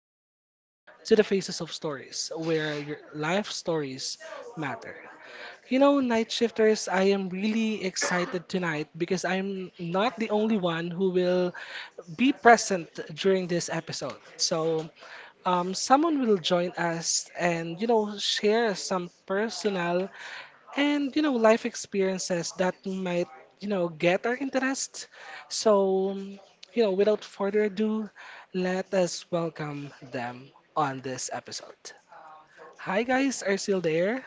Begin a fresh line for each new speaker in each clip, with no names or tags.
and welcome to the Faces of Stories, where your life stories matter. You know, night shifters, I am really excited tonight because I'm not the only one who will be present during this episode. So, someone will join us and, share some personal and life experiences that might get our interest, so without further ado, let us welcome them on this episode. Hi guys, are you still there?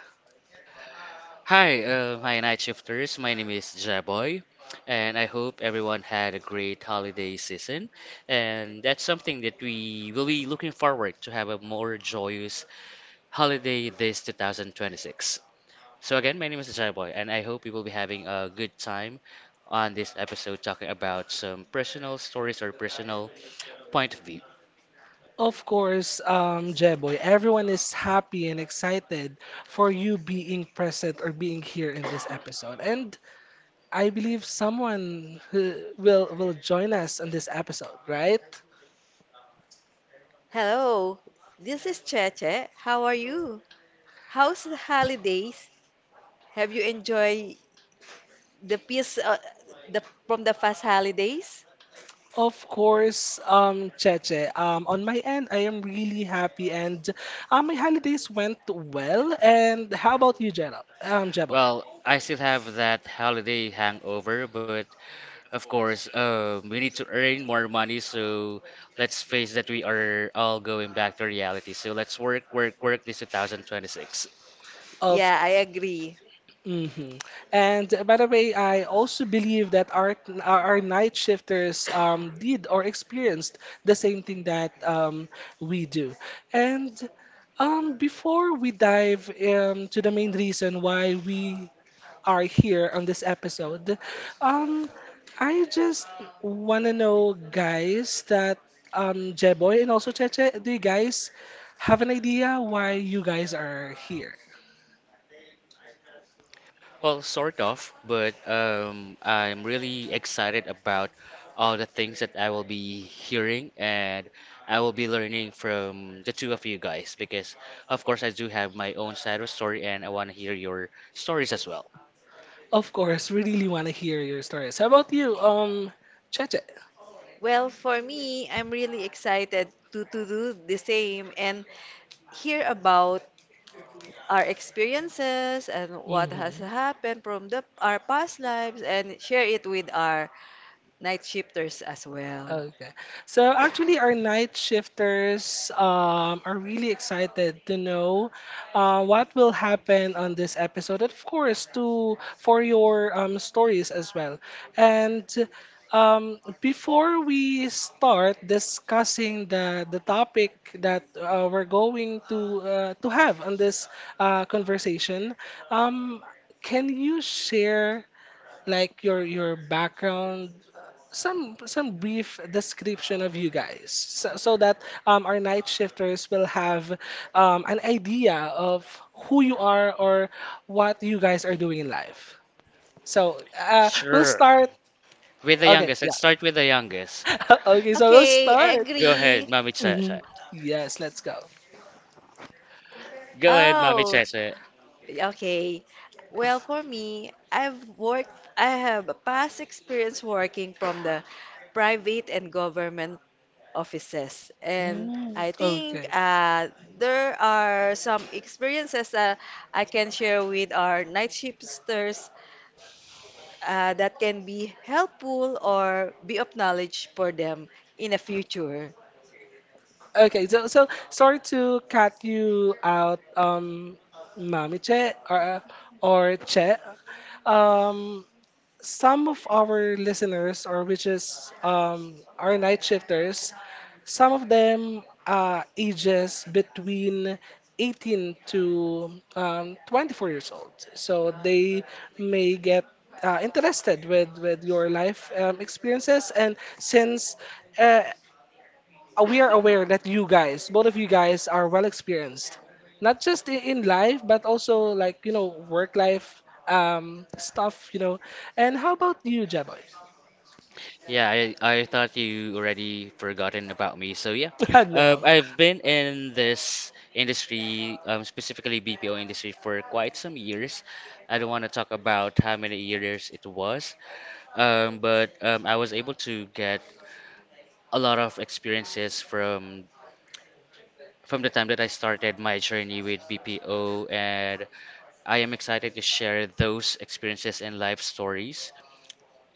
Hi, my night shifters. My name is Jaboy, and I hope everyone had a great holiday season. And that's something that we will be looking forward to have a more joyous holiday this 2026. So again, my name is Jaboy, and I hope you will be having a good time on this episode talking about some personal stories or personal point of view.
Of course, Jeboy, everyone is happy and excited for you being present or being here in this episode, and I believe someone who will join us in this episode, right?
How are you? How's the holidays? Have you enjoyed the peace the from the past holidays?
Of course, Cheche. On my end, I am really happy, and my holidays went well. And how about you, Jera? Jeboy?
Well, I still have that holiday hangover, but of course, we need to earn more money, so let's face that we are all going back to reality. So let's work, work, work this 2026.
Of
Yeah, I agree.
hmm And by the way, I also believe that our night shifters did or experienced the same thing that we do. And before we dive to the main reason why we are here on this episode, Um, I just want to know, guys, that Jeboy and also Cheche, do you guys have an idea why you guys are here?
Well, sort of, but I'm really excited about all the things that I will be hearing and I will be learning from the two of you guys because, of course, I do have my own side of story and I want to hear your stories as well.
Of course, we really want to hear your stories. How about you, Cheche?
Well, for me, I'm really excited to do the same and hear about our experiences and what has happened from the our past lives and share it with our night shifters as well.
Okay. So actually, our night shifters are really excited to know what will happen on this episode, and of course, to for your stories as well. And before we start discussing the topic that we're going to have on this conversation, um, can you share like your background, some brief description of you guys, so that our night shifters will have an idea of who you are or what you guys are doing in life. So we'll
Sure.
start.
With the
Okay,
youngest, let's
yeah.
start with the youngest.
Okay, so we'll
Okay, I
start.
Go ahead,
agree.
Mami Cha.
hmm Yes, let's go.
Go ahead, Mommy
Oh,
Cheche.
okay. Well, for me, I have a past experience working from the private and government offices. And
Mm,
I think
okay.
there are some experiences that I can share with our night shifters that can be helpful or be of knowledge for them in the future.
Okay, so so sorry to cut you out, Mami Che or Che. Um, some of our listeners, or which is our night shifters, some of them ages between 18 to 24 years old. So they may get interested with your life experiences. And since uh, we are aware that you guys, both of you guys, are well experienced, not just in life, but also like you know work life stuff, you know. And how about you, Jeboy?
Yeah, I thought you already forgotten about me. So yeah,
Hello.
I've been in this industry, specifically BPO industry, for quite some years. I don't want to talk about how many years it was, but I was able to get a lot of experiences from the time that I started my journey with BPO, and I am excited to share those experiences and life stories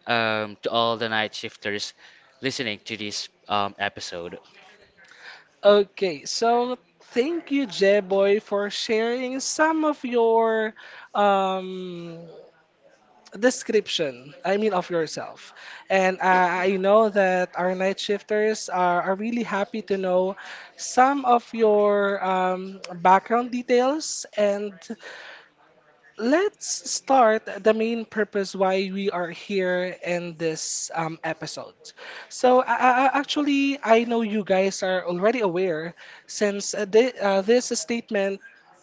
to all the night shifters listening to this episode.
Okay, so thank you, Jeboy, for sharing some of your um, description, I mean, of yourself. And I know that our night shifters are really happy to know some of your background details. And let's start the main purpose why we are here in this episode. So actually, I know you guys are already aware, since this statement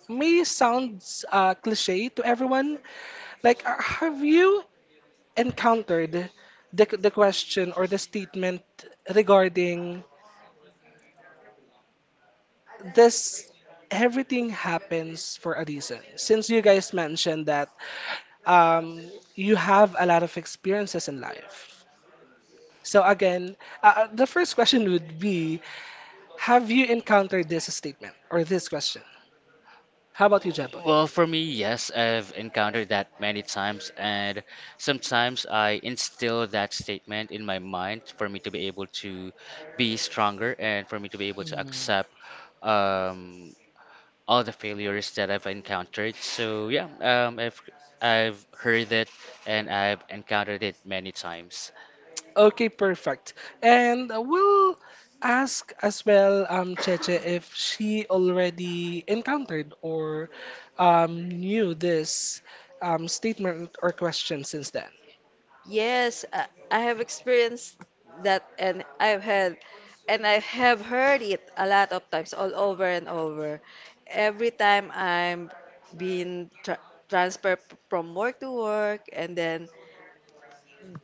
may sound cliche to everyone. Like have you encountered the question or the statement regarding this, everything happens for a reason, since you guys mentioned that um, you have a lot of experiences in life. So again, the first question would be, have you encountered this statement or this question? How about you, Jabo?
Well, for me, yes, I've encountered that many times, and sometimes I instill that statement in my mind for me to be able to be stronger and for me to be able to
Mm.
accept um, all the failures that I've encountered. So yeah, I've heard it and I've encountered it many times.
Okay, perfect. And we'll ask as well, Cheche, if she already encountered or knew this statement or question since then.
Yes, I have experienced that and I've had and I have heard it a lot of times all over and over. Every time I'm being tra transferred from work to work and then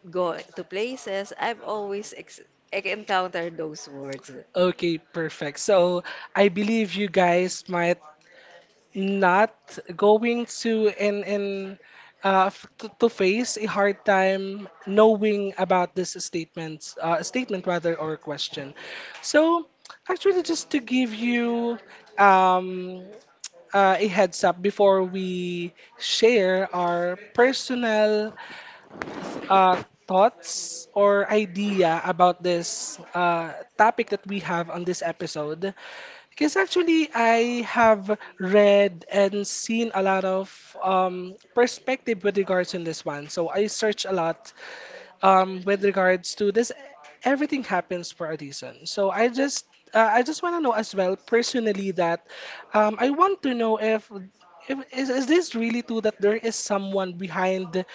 go to places, I've always ex encountered those words.
Okay, perfect. So I believe you guys might not going to to face a hard time knowing about this statement, rather, or question. So actually, just to give you um, a heads up before we share our personal th- uh, thoughts or idea about this topic that we have on this episode, because actually, I have read and seen a lot of perspective with regards in this one. So I search a lot with regards to this, everything happens for a reason. So I just want to know as well personally that I want to know if is this really true that there is someone behind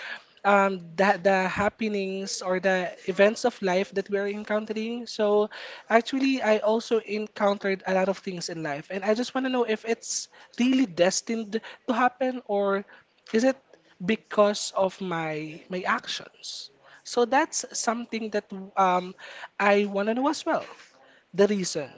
the happenings or the events of life that we're encountering. So actually, I also encountered a lot of things in life, and I just want to know if it's really destined to happen or is it because of my actions? So that's something that um, I want to know as well. The reason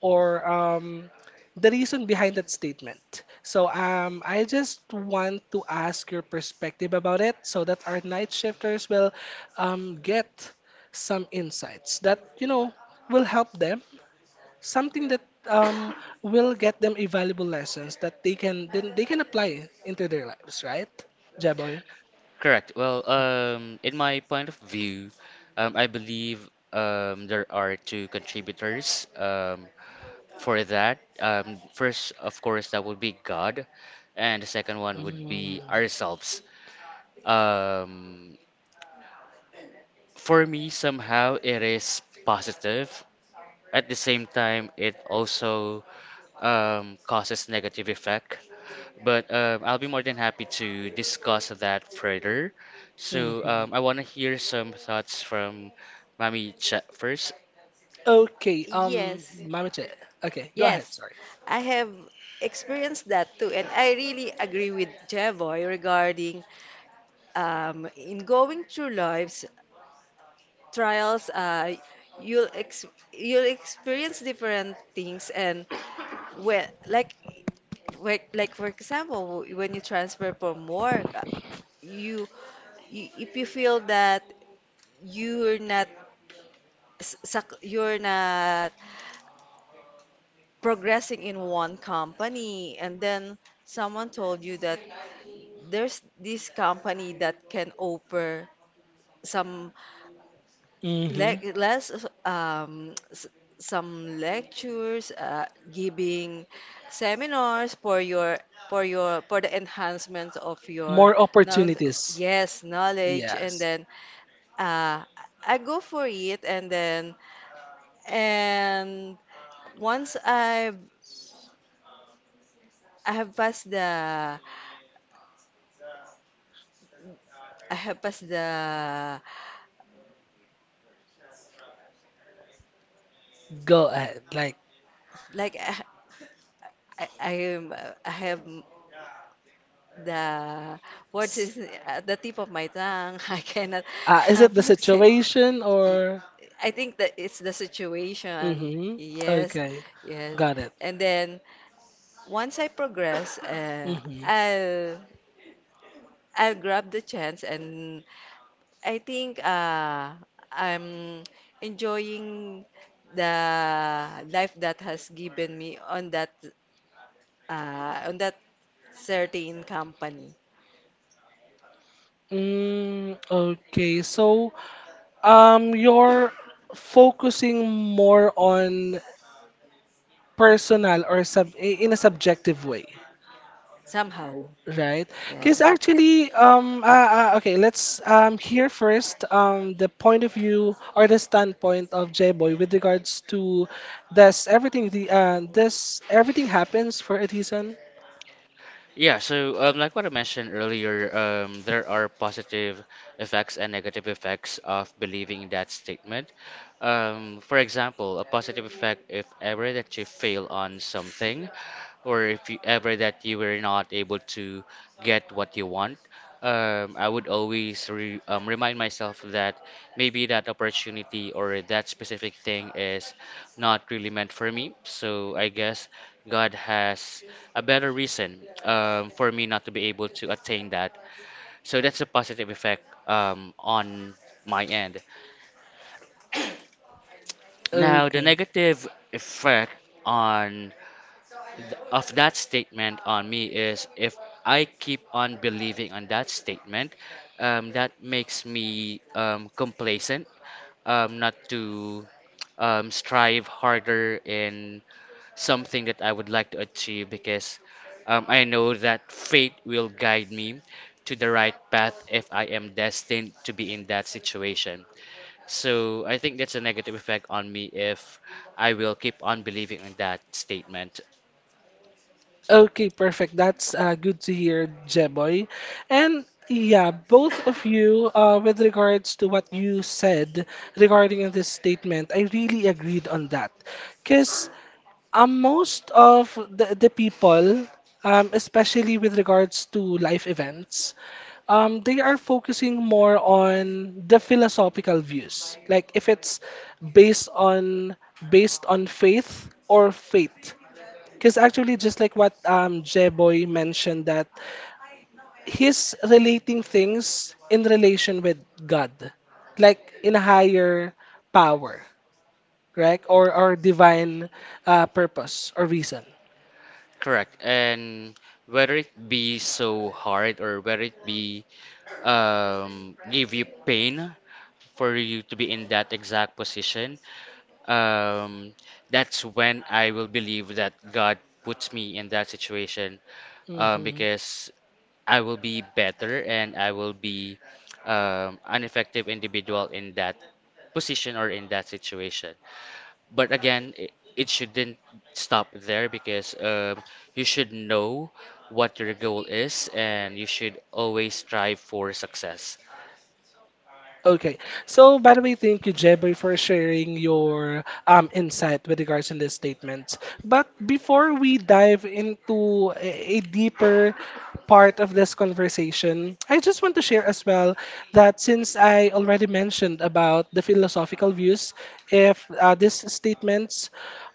or the reason behind that statement. So I just want to ask your perspective about it so that our night shifters will get some insights that, you know, will help them. Something that um, will get them a valuable lessons that they can then they can apply into their lives, right, Jaboy?
Correct. Well, in my point of view, I believe there are two contributors for that. First, of course, that would be God, and the second one would be ourselves.
Mm-hmm.
Um, for me, somehow it is positive. At the same time, it also causes negative effect. But I'll be more than happy to discuss that further. So
Mm-hmm.
I want to hear some thoughts from Mami Chat first.
Okay,
Yes,
Mamiche. Okay, go ahead.
yes,
Sorry.
I have experienced that too, and I really agree with Jevoy regarding in going through lives, trials, you'll ex you'll experience different things and when like, for example, when you transfer from work, you, you, if you feel that you're not you're not progressing in one company and then someone told you that there's this company that can offer some like
Mm-hmm.
less um s- some lectures, giving seminars for your for the enhancement of your
More
now,
opportunities.
yes, knowledge. And
Yes.
then uh, I go for it and then and once I've I have passed the I have passed the
Go ahead. Like,
like I am I have the words is at the tip of my tongue. I cannot
is it the
approximate.
situation
Y-
or?
I think that it's the situation.
Mm-hmm.
Yes,
Okay,
yes.
got it.
And then once I progress,
Mm-hmm.
I'll I'll grab the chance, and I think I'm enjoying the life that has given me on that uh, on that certain company
Mm, okay, so you're focusing more on personal or sub in a subjective way.
somehow.
Right.
Yeah,
Because actually, okay, let's hear first the point of view or the standpoint of J-Boy with regards to does everything happens for a reason?
Yeah, so like what I mentioned earlier, there are positive effects and negative effects of believing that statement. For example, a positive effect if ever that you fail on something, or if you, ever that you were not able to get what you want, I would always remind myself that maybe that opportunity or that specific thing is not really meant for me. So I guess God has a better reason for me not to be able to attain that. So that's a positive effect on my end. Now, the
Okay.
negative effect on of that statement on me is if I keep on believing on that statement, that makes me complacent, not to strive harder in something that I would like to achieve because I know that fate will guide me to the right path if I am destined to be in that situation. So I think that's a negative effect on me if I will keep on believing on that statement.
Okay, perfect. That's good to hear, Jeboy. And yeah, both of you, with regards to what you said regarding this statement, I really agreed on that. Because most of the people, especially with regards to life events, they are focusing more on the philosophical views. Like if it's based on faith or faith. Because actually, just like what Jeboy mentioned, that he's relating things in relation with God, like in a higher power, correct? Or divine purpose or reason.
Correct. And whether it be so hard or whether it be give you pain for you to be in that exact position, um that's when I will believe that God puts me in that situation
Mm-hmm.
because I will be better and I will be an effective individual in that position or in that situation. But again, it shouldn't stop there because you should know what your goal is and you should always strive for success.
Okay. So, by the way, thank you, Jeboy, for sharing your insight with regards in this statement. But before we dive into a deeper part of this conversation, I just want to share as well that since I already mentioned about the philosophical views, if these statements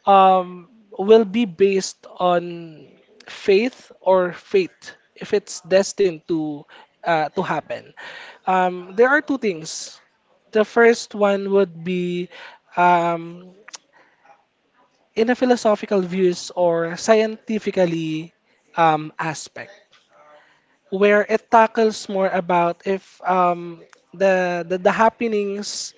um, will be based on faith or fate, if it's destined to happen. There are two things. The first one would be um, in a philosophical views or scientifically aspect, where it tackles more about if the the happenings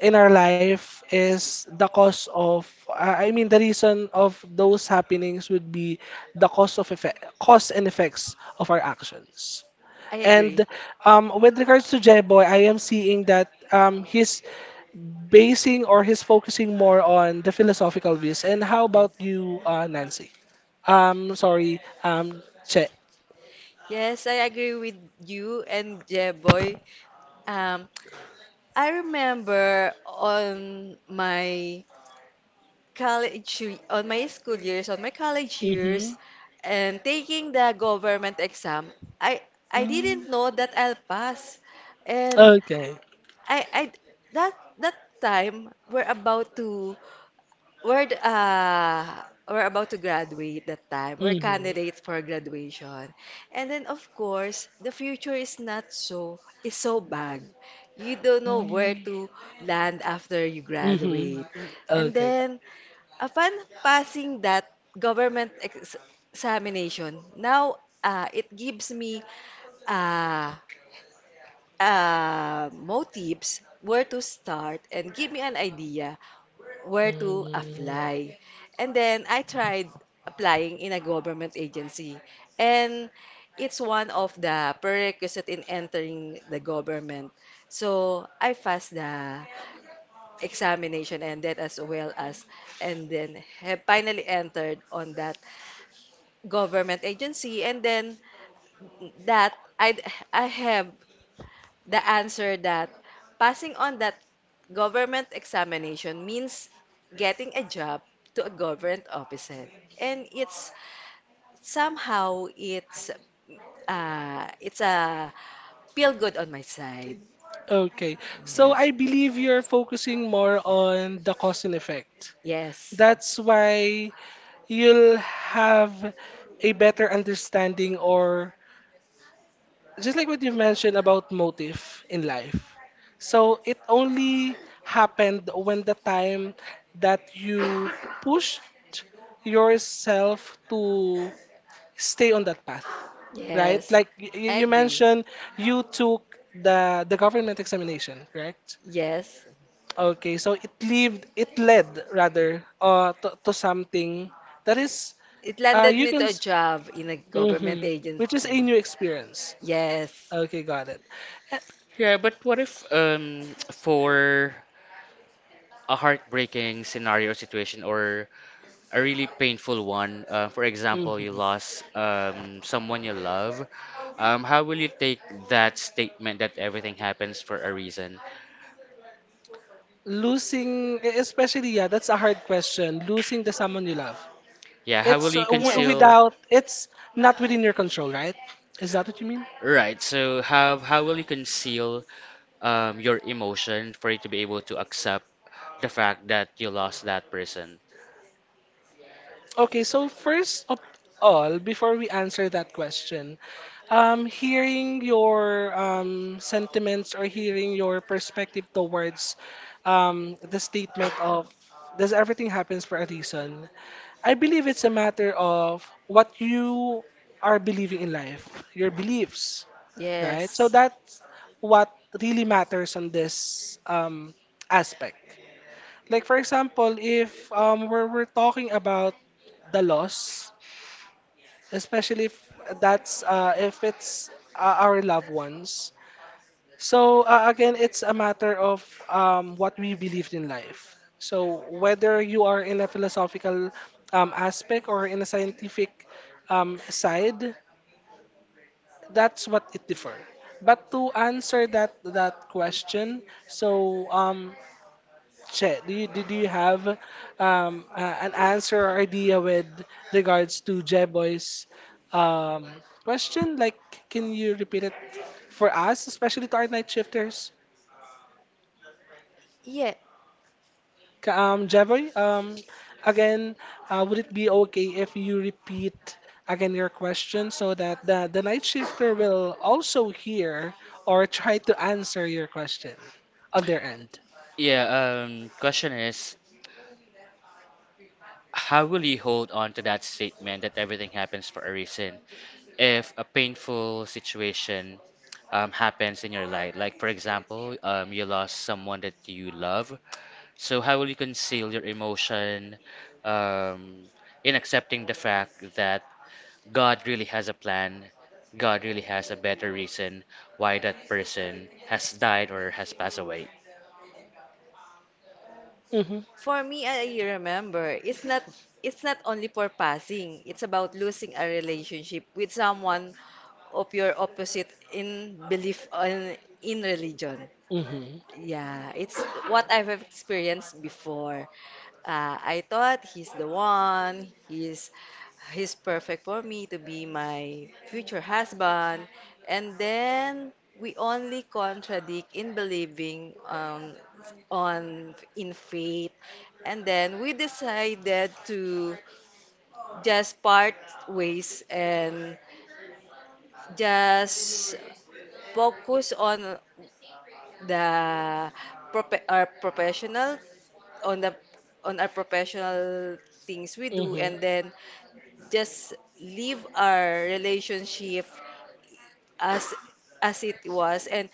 in our life is the cause of I mean the reason of those happenings would be the cause of effect, cause and effects of our actions.
I agree.
And with regards to Jeboy, I am seeing that he's basing or he's focusing more on the philosophical views. And how
Yes,
about you, Nancy? Sorry, Che.
yes, I agree with you and Jeboy. Um, I remember on my college, on my college
Mm-hmm.
years, and taking the government exam, I
Mm.
didn't know that I'll pass, and
Okay.
I that that time we're about to We're d- uh we're about to graduate that time. We're
Mm-hmm.
candidates for graduation. And then of course, the future is not so is so bad. You don't know where
Mm.
to land after you
Mm-hmm.
graduate. And
Okay.
then upon passing that government ex examination, now it gives me uh, motives where to start and give me an idea where to
Mm.
apply. And then I tried applying in a government agency. And it's one of the prerequisite in entering the government. So I passed the examination and that as well as and then have finally entered on that government agency and then that I I have the answer that passing on that government examination means getting a job to a government officer. And it's somehow it's a feel good on my side.
Okay. So I
Yes.
believe you're focusing more on the cause and effect.
Yes.
That's why you'll have a better understanding, or just like what you mentioned about motive in life. So it only happened when the time that you pushed yourself to stay on that path, right?
Yes.
Like
I
you
agree.
mentioned, you took the government examination, correct?
Yes.
Okay, so it led, rather, to something that is
It
uh,
landed
you
me to
can,
a job in a government
mm, which is a new
agency.
experience.
Yes.
Okay, got it.
Yeah, but what if for a heartbreaking scenario or situation or a really painful one, for example, you
Mhm.
lost someone you love, how will you take that statement that everything happens for a reason?
Losing, especially, yeah, that's a hard question. Losing the someone you love.
Yeah, how will
It's
you
w-
Yes.
conceal?
without, it's not within your control, right? Is that what you mean?
Right, so how will you conceal your emotion for you to be able to accept the fact that you lost that person?
Okay, so first of all, before we answer that question, hearing your sentiments or hearing your perspective towards the statement of, does everything happens for a reason? I believe it's a matter of what you are believing in life, your beliefs, right? So
Yes.
that's what really matters on this aspect. Like for example, if we're talking about the loss, especially if that's if it's our loved ones. So again, it's a matter of what we believed in life. So whether you are in a philosophical aspect or in a scientific side, that's what it differs. But to answer that question, so Che, do you did you have an answer or idea with regards to Jeboy's um question? Like, can you repeat it for us, especially to our night shifters?
Yeah.
Jeboy, again, would it be okay if you repeat again your question so that the night shifter will also hear or try to answer your question on their end?
Yeah, question is, how will you hold on to that statement that everything happens for a reason if a painful situation happens in your life? Like, for example, you lost someone that you love. So, how will you conceal your emotion um, in accepting the fact that God really has a plan? God really has a better reason why that person has died or has passed away.
Mm-hmm.
For me, I remember it's not only for passing. It's about losing a relationship with someone of your opposite in belief on in religion.
Mm-hmm.
Yeah, it's what I've experienced before. I thought he's the one. He's perfect for me to be my future husband. And then we only contradict in believing on in faith. And then we decided to just part ways and just focus on the prope- our professional on the on our professional things we do
Mm-hmm.
and then just leave our relationship as as it was. And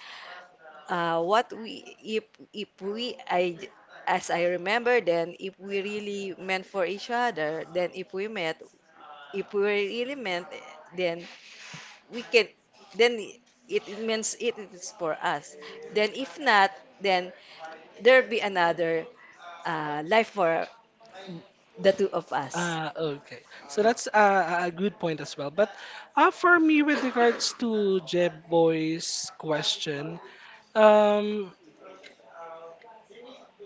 what we if we I as I remember, then if we really meant for each other, then if we met if we really meant then we can, then it means it is for us. Then if not, then there'll be another life for the two of us.
Ah, okay. So that's a good point as well. But for me, with regards to Jeb Boy's question, um,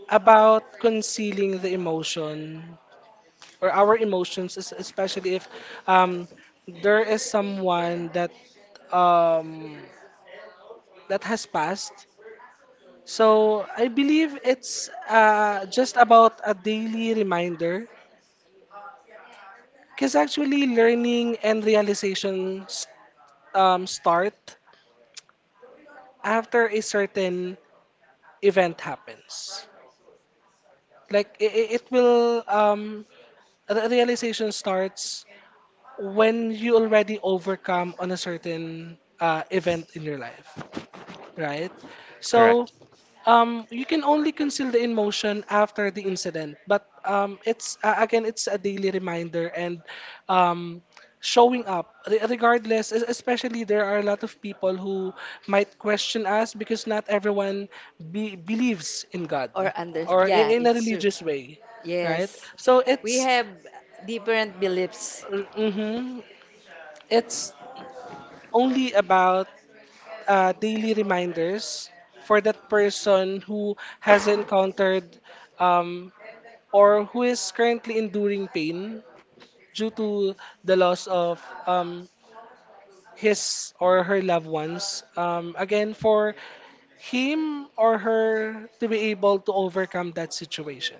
about concealing the emotion or our emotions, especially if um, there is someone that um, that has passed. So I believe it's just about a daily reminder. Because actually, learning and realization start after a certain event happens. Like it will the realization starts when you already overcome on a certain event in your life, right? So
Correct.
You can only conceal the emotion after the incident, but it's again, it's a daily reminder and um, showing up regardless. Especially there are a lot of people who might question us because not everyone be believes in God
Or under,
or
yeah,
in a
it's true.
religious way, right?
Yes,
So
we
it's
have different beliefs.
mm-hmm, it's only about daily reminders for that person who has encountered um, or who is currently enduring pain due to the loss of his or her loved ones. Again, for him or her to be able to overcome that situation.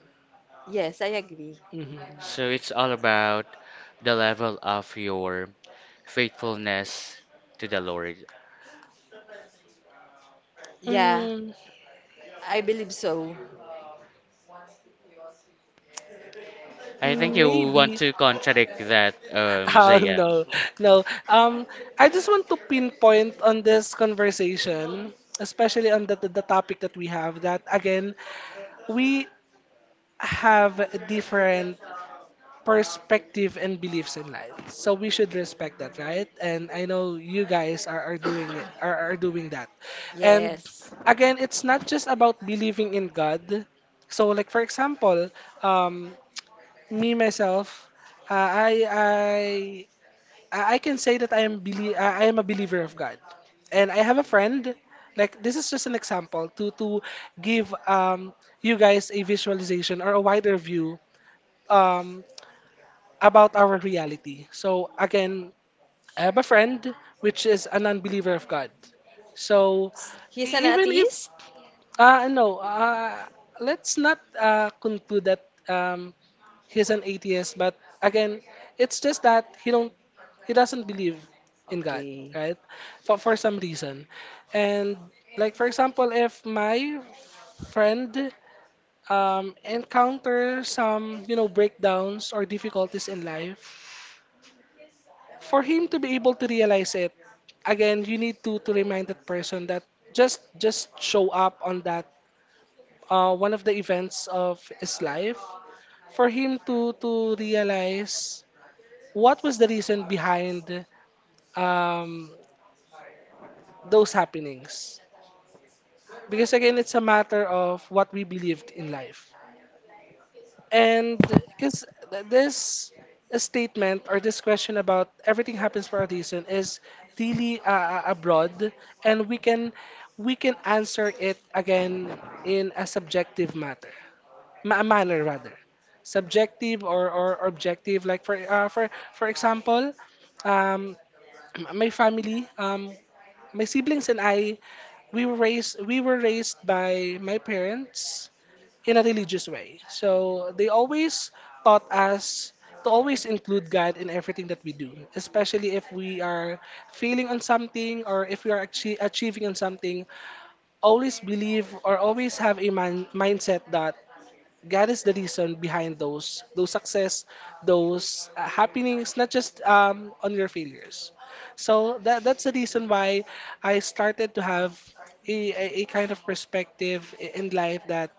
Yes, I agree.
Mhm.
So it's all about the level of your faithfulness to the Lord.
Yeah,
Mm,
I believe so.
I think you want
maybe.
to contradict that,
Oh,
Zayam.
no, no. I just want to pinpoint on this conversation, especially on the topic that we have, that again, we have different perspective and beliefs in life. So we should respect that, right? And I know you guys are doing it, are doing that. And
Yes.
again, it's not just about believing in God. So like for example, um, me myself, uh, I I I can say that I am a believer of God. And I have a friend, like this is just an example to give you guys a visualization or a wider view um about our reality. So again, I have a friend which is a non-believer of God. So
He's an
even if
atheist?
uh, no, uh, let's not conclude that he's an atheist. But again, it's just that he doesn't believe in God,
Okay.
right? For some reason, and like for example, if my friend encounter some breakdowns or difficulties in life, for him to be able to realize it, again you need to remind that person that just show up on that one of the events of his life for him to realize what was the reason behind um, those happenings, because again it's a matter of what we believed in life. And because this statement or this question about everything happens for a reason is really abroad, and we can answer it again in a subjective matter, manner rather, subjective or objective. Like for for example, um, my family, my siblings and I, we were raised by my parents in a religious way. So they always taught us to always include God in everything that we do, especially if we are failing on something or if we are achieving on something. Always believe or always have a mindset that God is the reason behind those success, those happenings, not just on your failures. So that's the reason why I started to have a kind of perspective in life that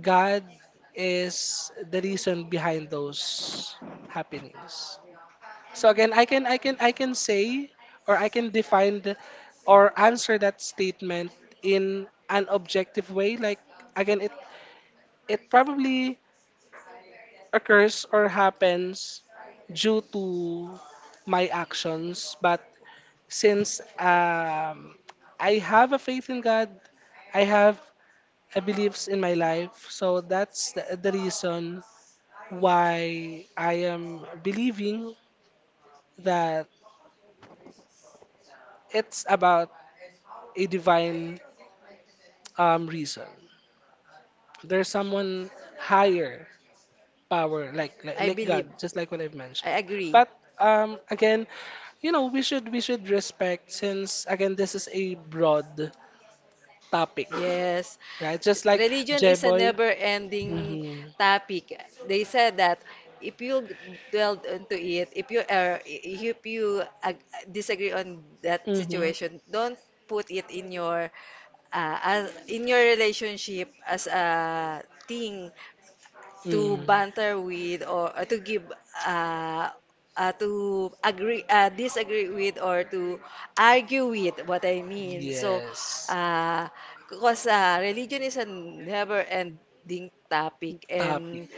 God is the reason behind those happenings. So again, I can say or I can define or answer that statement in an objective way. Like again, it probably occurs or happens due to my actions. But since I have a faith in God, I have a beliefs in my life. So that's the reason why I am believing that it's about a divine reason. There's someone higher power, like,
I
like God,
believe.
just like what I've
I
mentioned.
agree.
But again, you know, we should respect since again this is a broad topic,
Yes.
right? Just like
Religion is a
Jeboy.
never-ending
Mm-hmm.
topic. They said that if you dwell into it, if you are, if you ag- disagree on that
Mm-hmm.
situation, don't put it in your in your relationship as a thing to
Mm-hmm.
banter with, or to give uh, to agree disagree with, or to argue with, what I mean. So,
Yes.
uh, because religion is a never-ending topic,
Topic.
and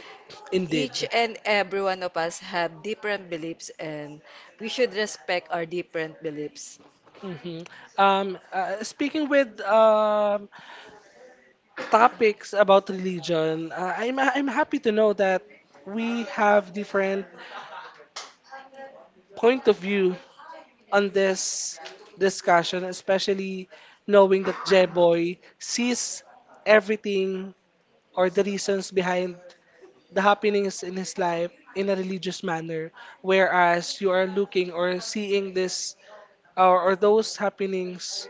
Indeed.
each and every one of us have different beliefs, and we should respect our different beliefs.
Hmm speaking with topics about religion, I'm happy to know that we have different point of view on this discussion, especially knowing that Jeboy sees everything or the reasons behind the happenings in his life in a religious manner, whereas you are looking or seeing this or those happenings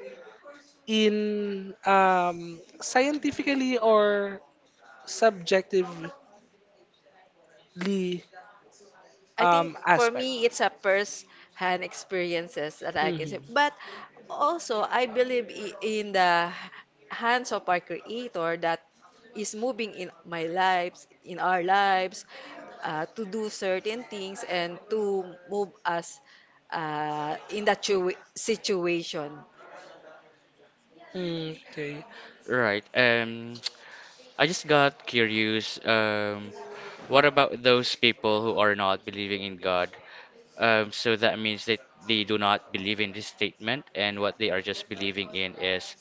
in scientifically or subjectively
I think for
aspect.
me, it's a first-hand experiences that I can say.
Hmm
But also, I believe in the hands of our Creator that is moving in my lives, in our lives, to do certain things and to move us in that situation.
Okay.
Right. I just got curious. What about those people who are not believing in God? So that means that they do not believe in this statement, and what they are just believing in is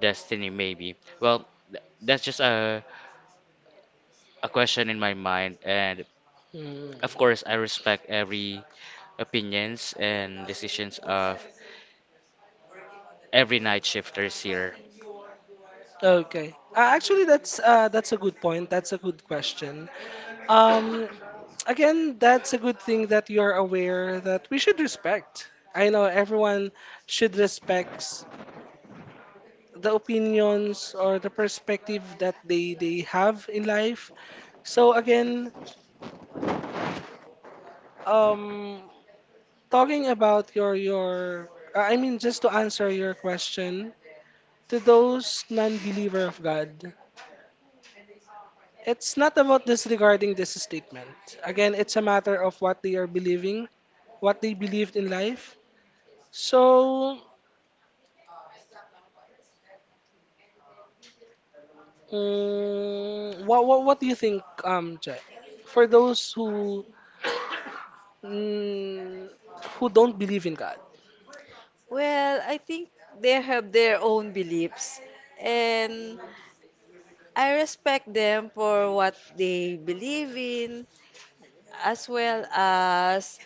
destiny, maybe. Well, that's just a question in my mind. And
Mm.
of course, I respect every opinions and decisions of every night shifters here.
Okay. Actually, that's a good point. That's a good question. Um, again, that's a good thing that you're aware that we should respect. I know everyone should respect the opinions or the perspective that they have in life. So again, um, talking about your, I mean, just to answer your question, to those non-believer of God, it's not about disregarding this statement. Again, it's a matter of what they are believing, what they believed in life. So, mm, what do you think, Jai? For those who mm, who don't believe in God.
Well, I think they have their own beliefs, and I respect them for what they believe in, as well as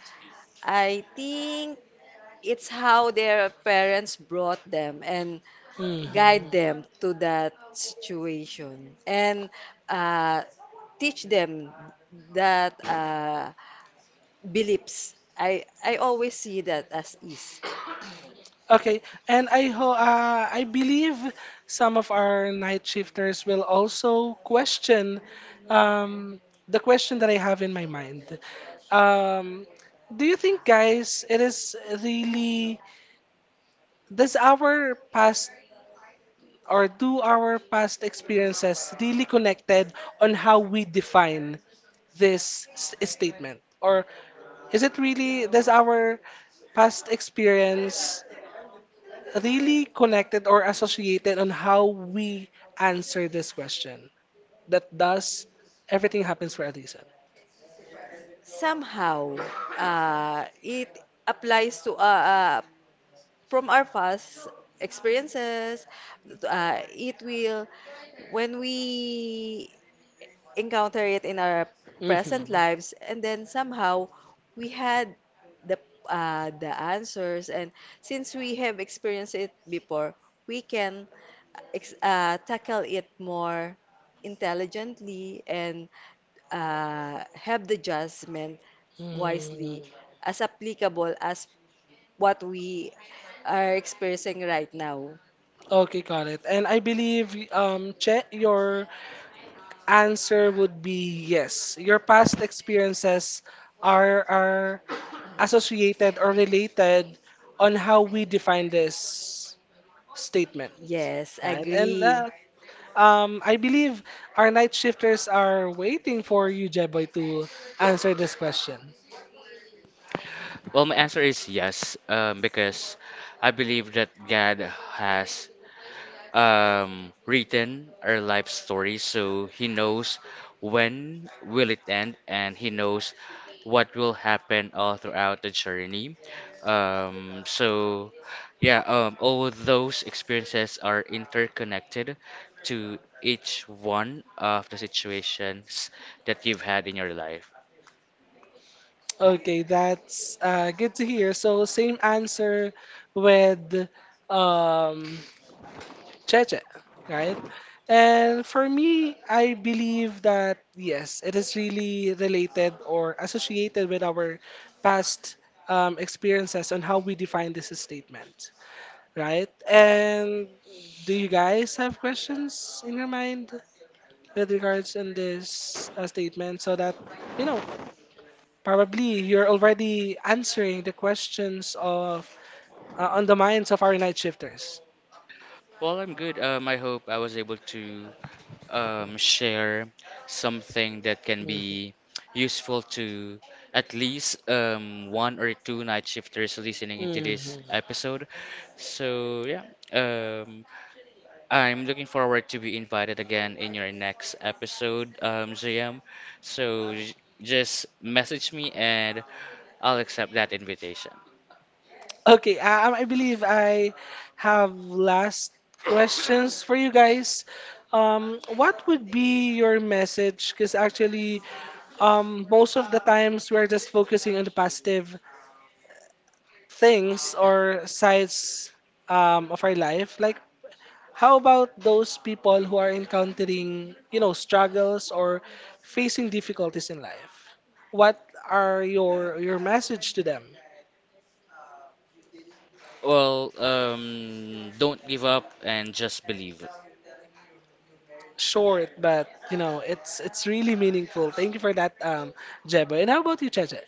I think it's how their parents brought them and
Hmm
guide them to that situation and uh, teach them that beliefs. I always see that as is.
Okay, and I believe some of our night shifters will also question um, the question that I have in my mind. Um, do you think, guys, it is really, does our past or do our past experiences really connected on how we define this statement, or is it really, does our past experience really connected or associated on how we answer this question. That does everything happens for a reason.
Somehow, it applies to from our past experiences. It will when we encounter it in our present
Hmm
lives and then somehow we had the the answers. And since we have experienced it before, we can tackle it more intelligently, and have the judgment
Mm.
wisely as applicable as what we are experiencing right now.
Okay, got it. And I believe, um, Che, your answer would be yes. Your past experiences are associated or related on how we define this statement,
Yes,
right? And
agree.
um, I believe our night shifters are waiting for you, Jeboy, to answer this question.
Well, my answer is yes, because I believe that God has written our life story, so he knows when will it end, and he knows what will happen all throughout the journey. So yeah, all of those experiences are interconnected to each one of the situations that you've had in your life.
Okay, that's good to hear. So same answer with um, Cheche, right? And for me, I believe that yes, it is really related or associated with our past experiences on how we define this statement, right? And do you guys have questions in your mind with regards in this statement so that you know probably you're already answering the questions of on the minds of our night shifters.
Well, I'm good. I hope I was able to share something that can
Mhm.
be useful to at least one or two night shifters listening into this
Mhm.
episode. So, yeah, um, I'm looking forward to be invited again in your next episode, JM. So, just message me and I'll accept that invitation.
Okay, I believe I have last questions for you guys. Um, what would be your message, because actually, most of the times we're just focusing on the positive things or sides of our life. Like, how about those people who are encountering, you know, struggles or facing difficulties in life? What are your message to them?
Well, don't give up and just believe.
Short, but you know, it's really meaningful. Thank you for that, Jebo. And how about you, Cheche?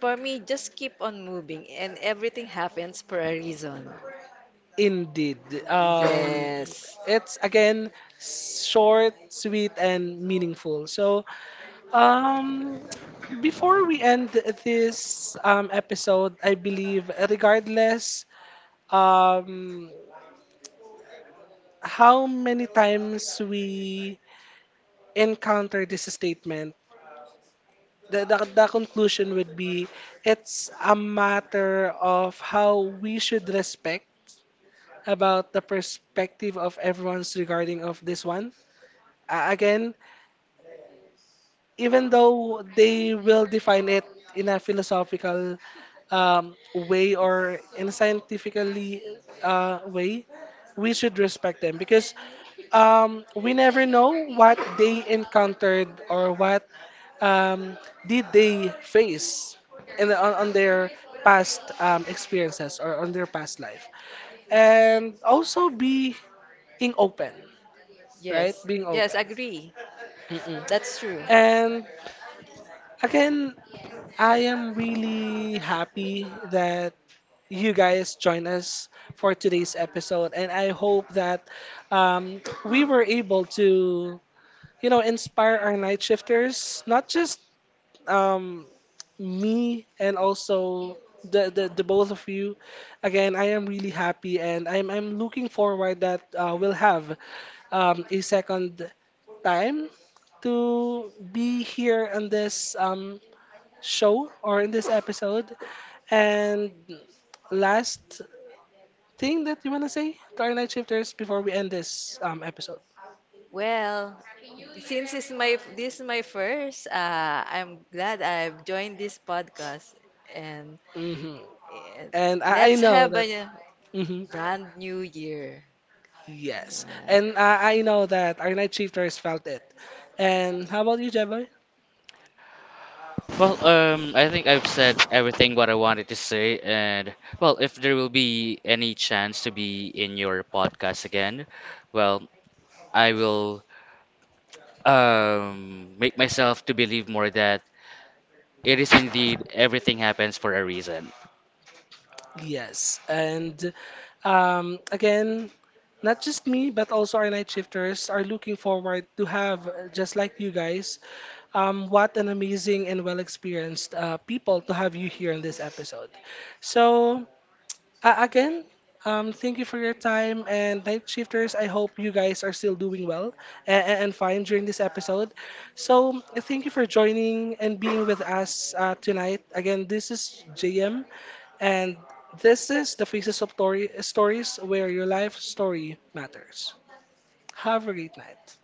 For me, just keep on moving and everything happens for a reason.
Indeed.
Yes.
It's again short, sweet, and meaningful. So, um, before we end this episode, I believe, regardless um, how many times we encounter this statement, the conclusion would be it's a matter of how we should respect about the perspective of everyone's regarding of this one. Again, even though they will define it in a philosophical way or in a scientifically way, we should respect them because we never know what they encountered or what um, did they face on their past experiences or on their past life. And also being open, right?
Yes,
Being
yes,
open.
agree.
Mm-mm.
That's true.
And again, I am really happy that you guys join us for today's episode, and I hope that we were able to, you know, inspire our night shifters, not just um, me and also the both of you. Again, I am really happy, and I'm looking forward that we'll have a second time to be here on this. Show or in this episode. And last thing that you want to say to our night shifters before we end this episode.
Well, since it's my this is my first. Uh, I'm glad I've joined this podcast, and,
Hmm
and
And I
let's
know
have
that.
a
Hmm
brand new year.
Yes. And
Uh,
I know that our night shifters felt it. And how about you, Jeff?
Well, I think I've said everything what I wanted to say, and well, if there will be any chance to be in your podcast again, well, I will make myself to believe more that it is indeed everything happens for a reason.
Yes, and again, not just me, but also our night shifters are looking forward to have, just like you guys, what an amazing and well experienced people to have you here in this episode. So, again, thank you for your time. And night shifters, I hope you guys are still doing well and fine during this episode. So, thank you for joining and being with us tonight. Again, this is JM, and this is the Faces of Tori- Stories, where your life story matters. Have a great night.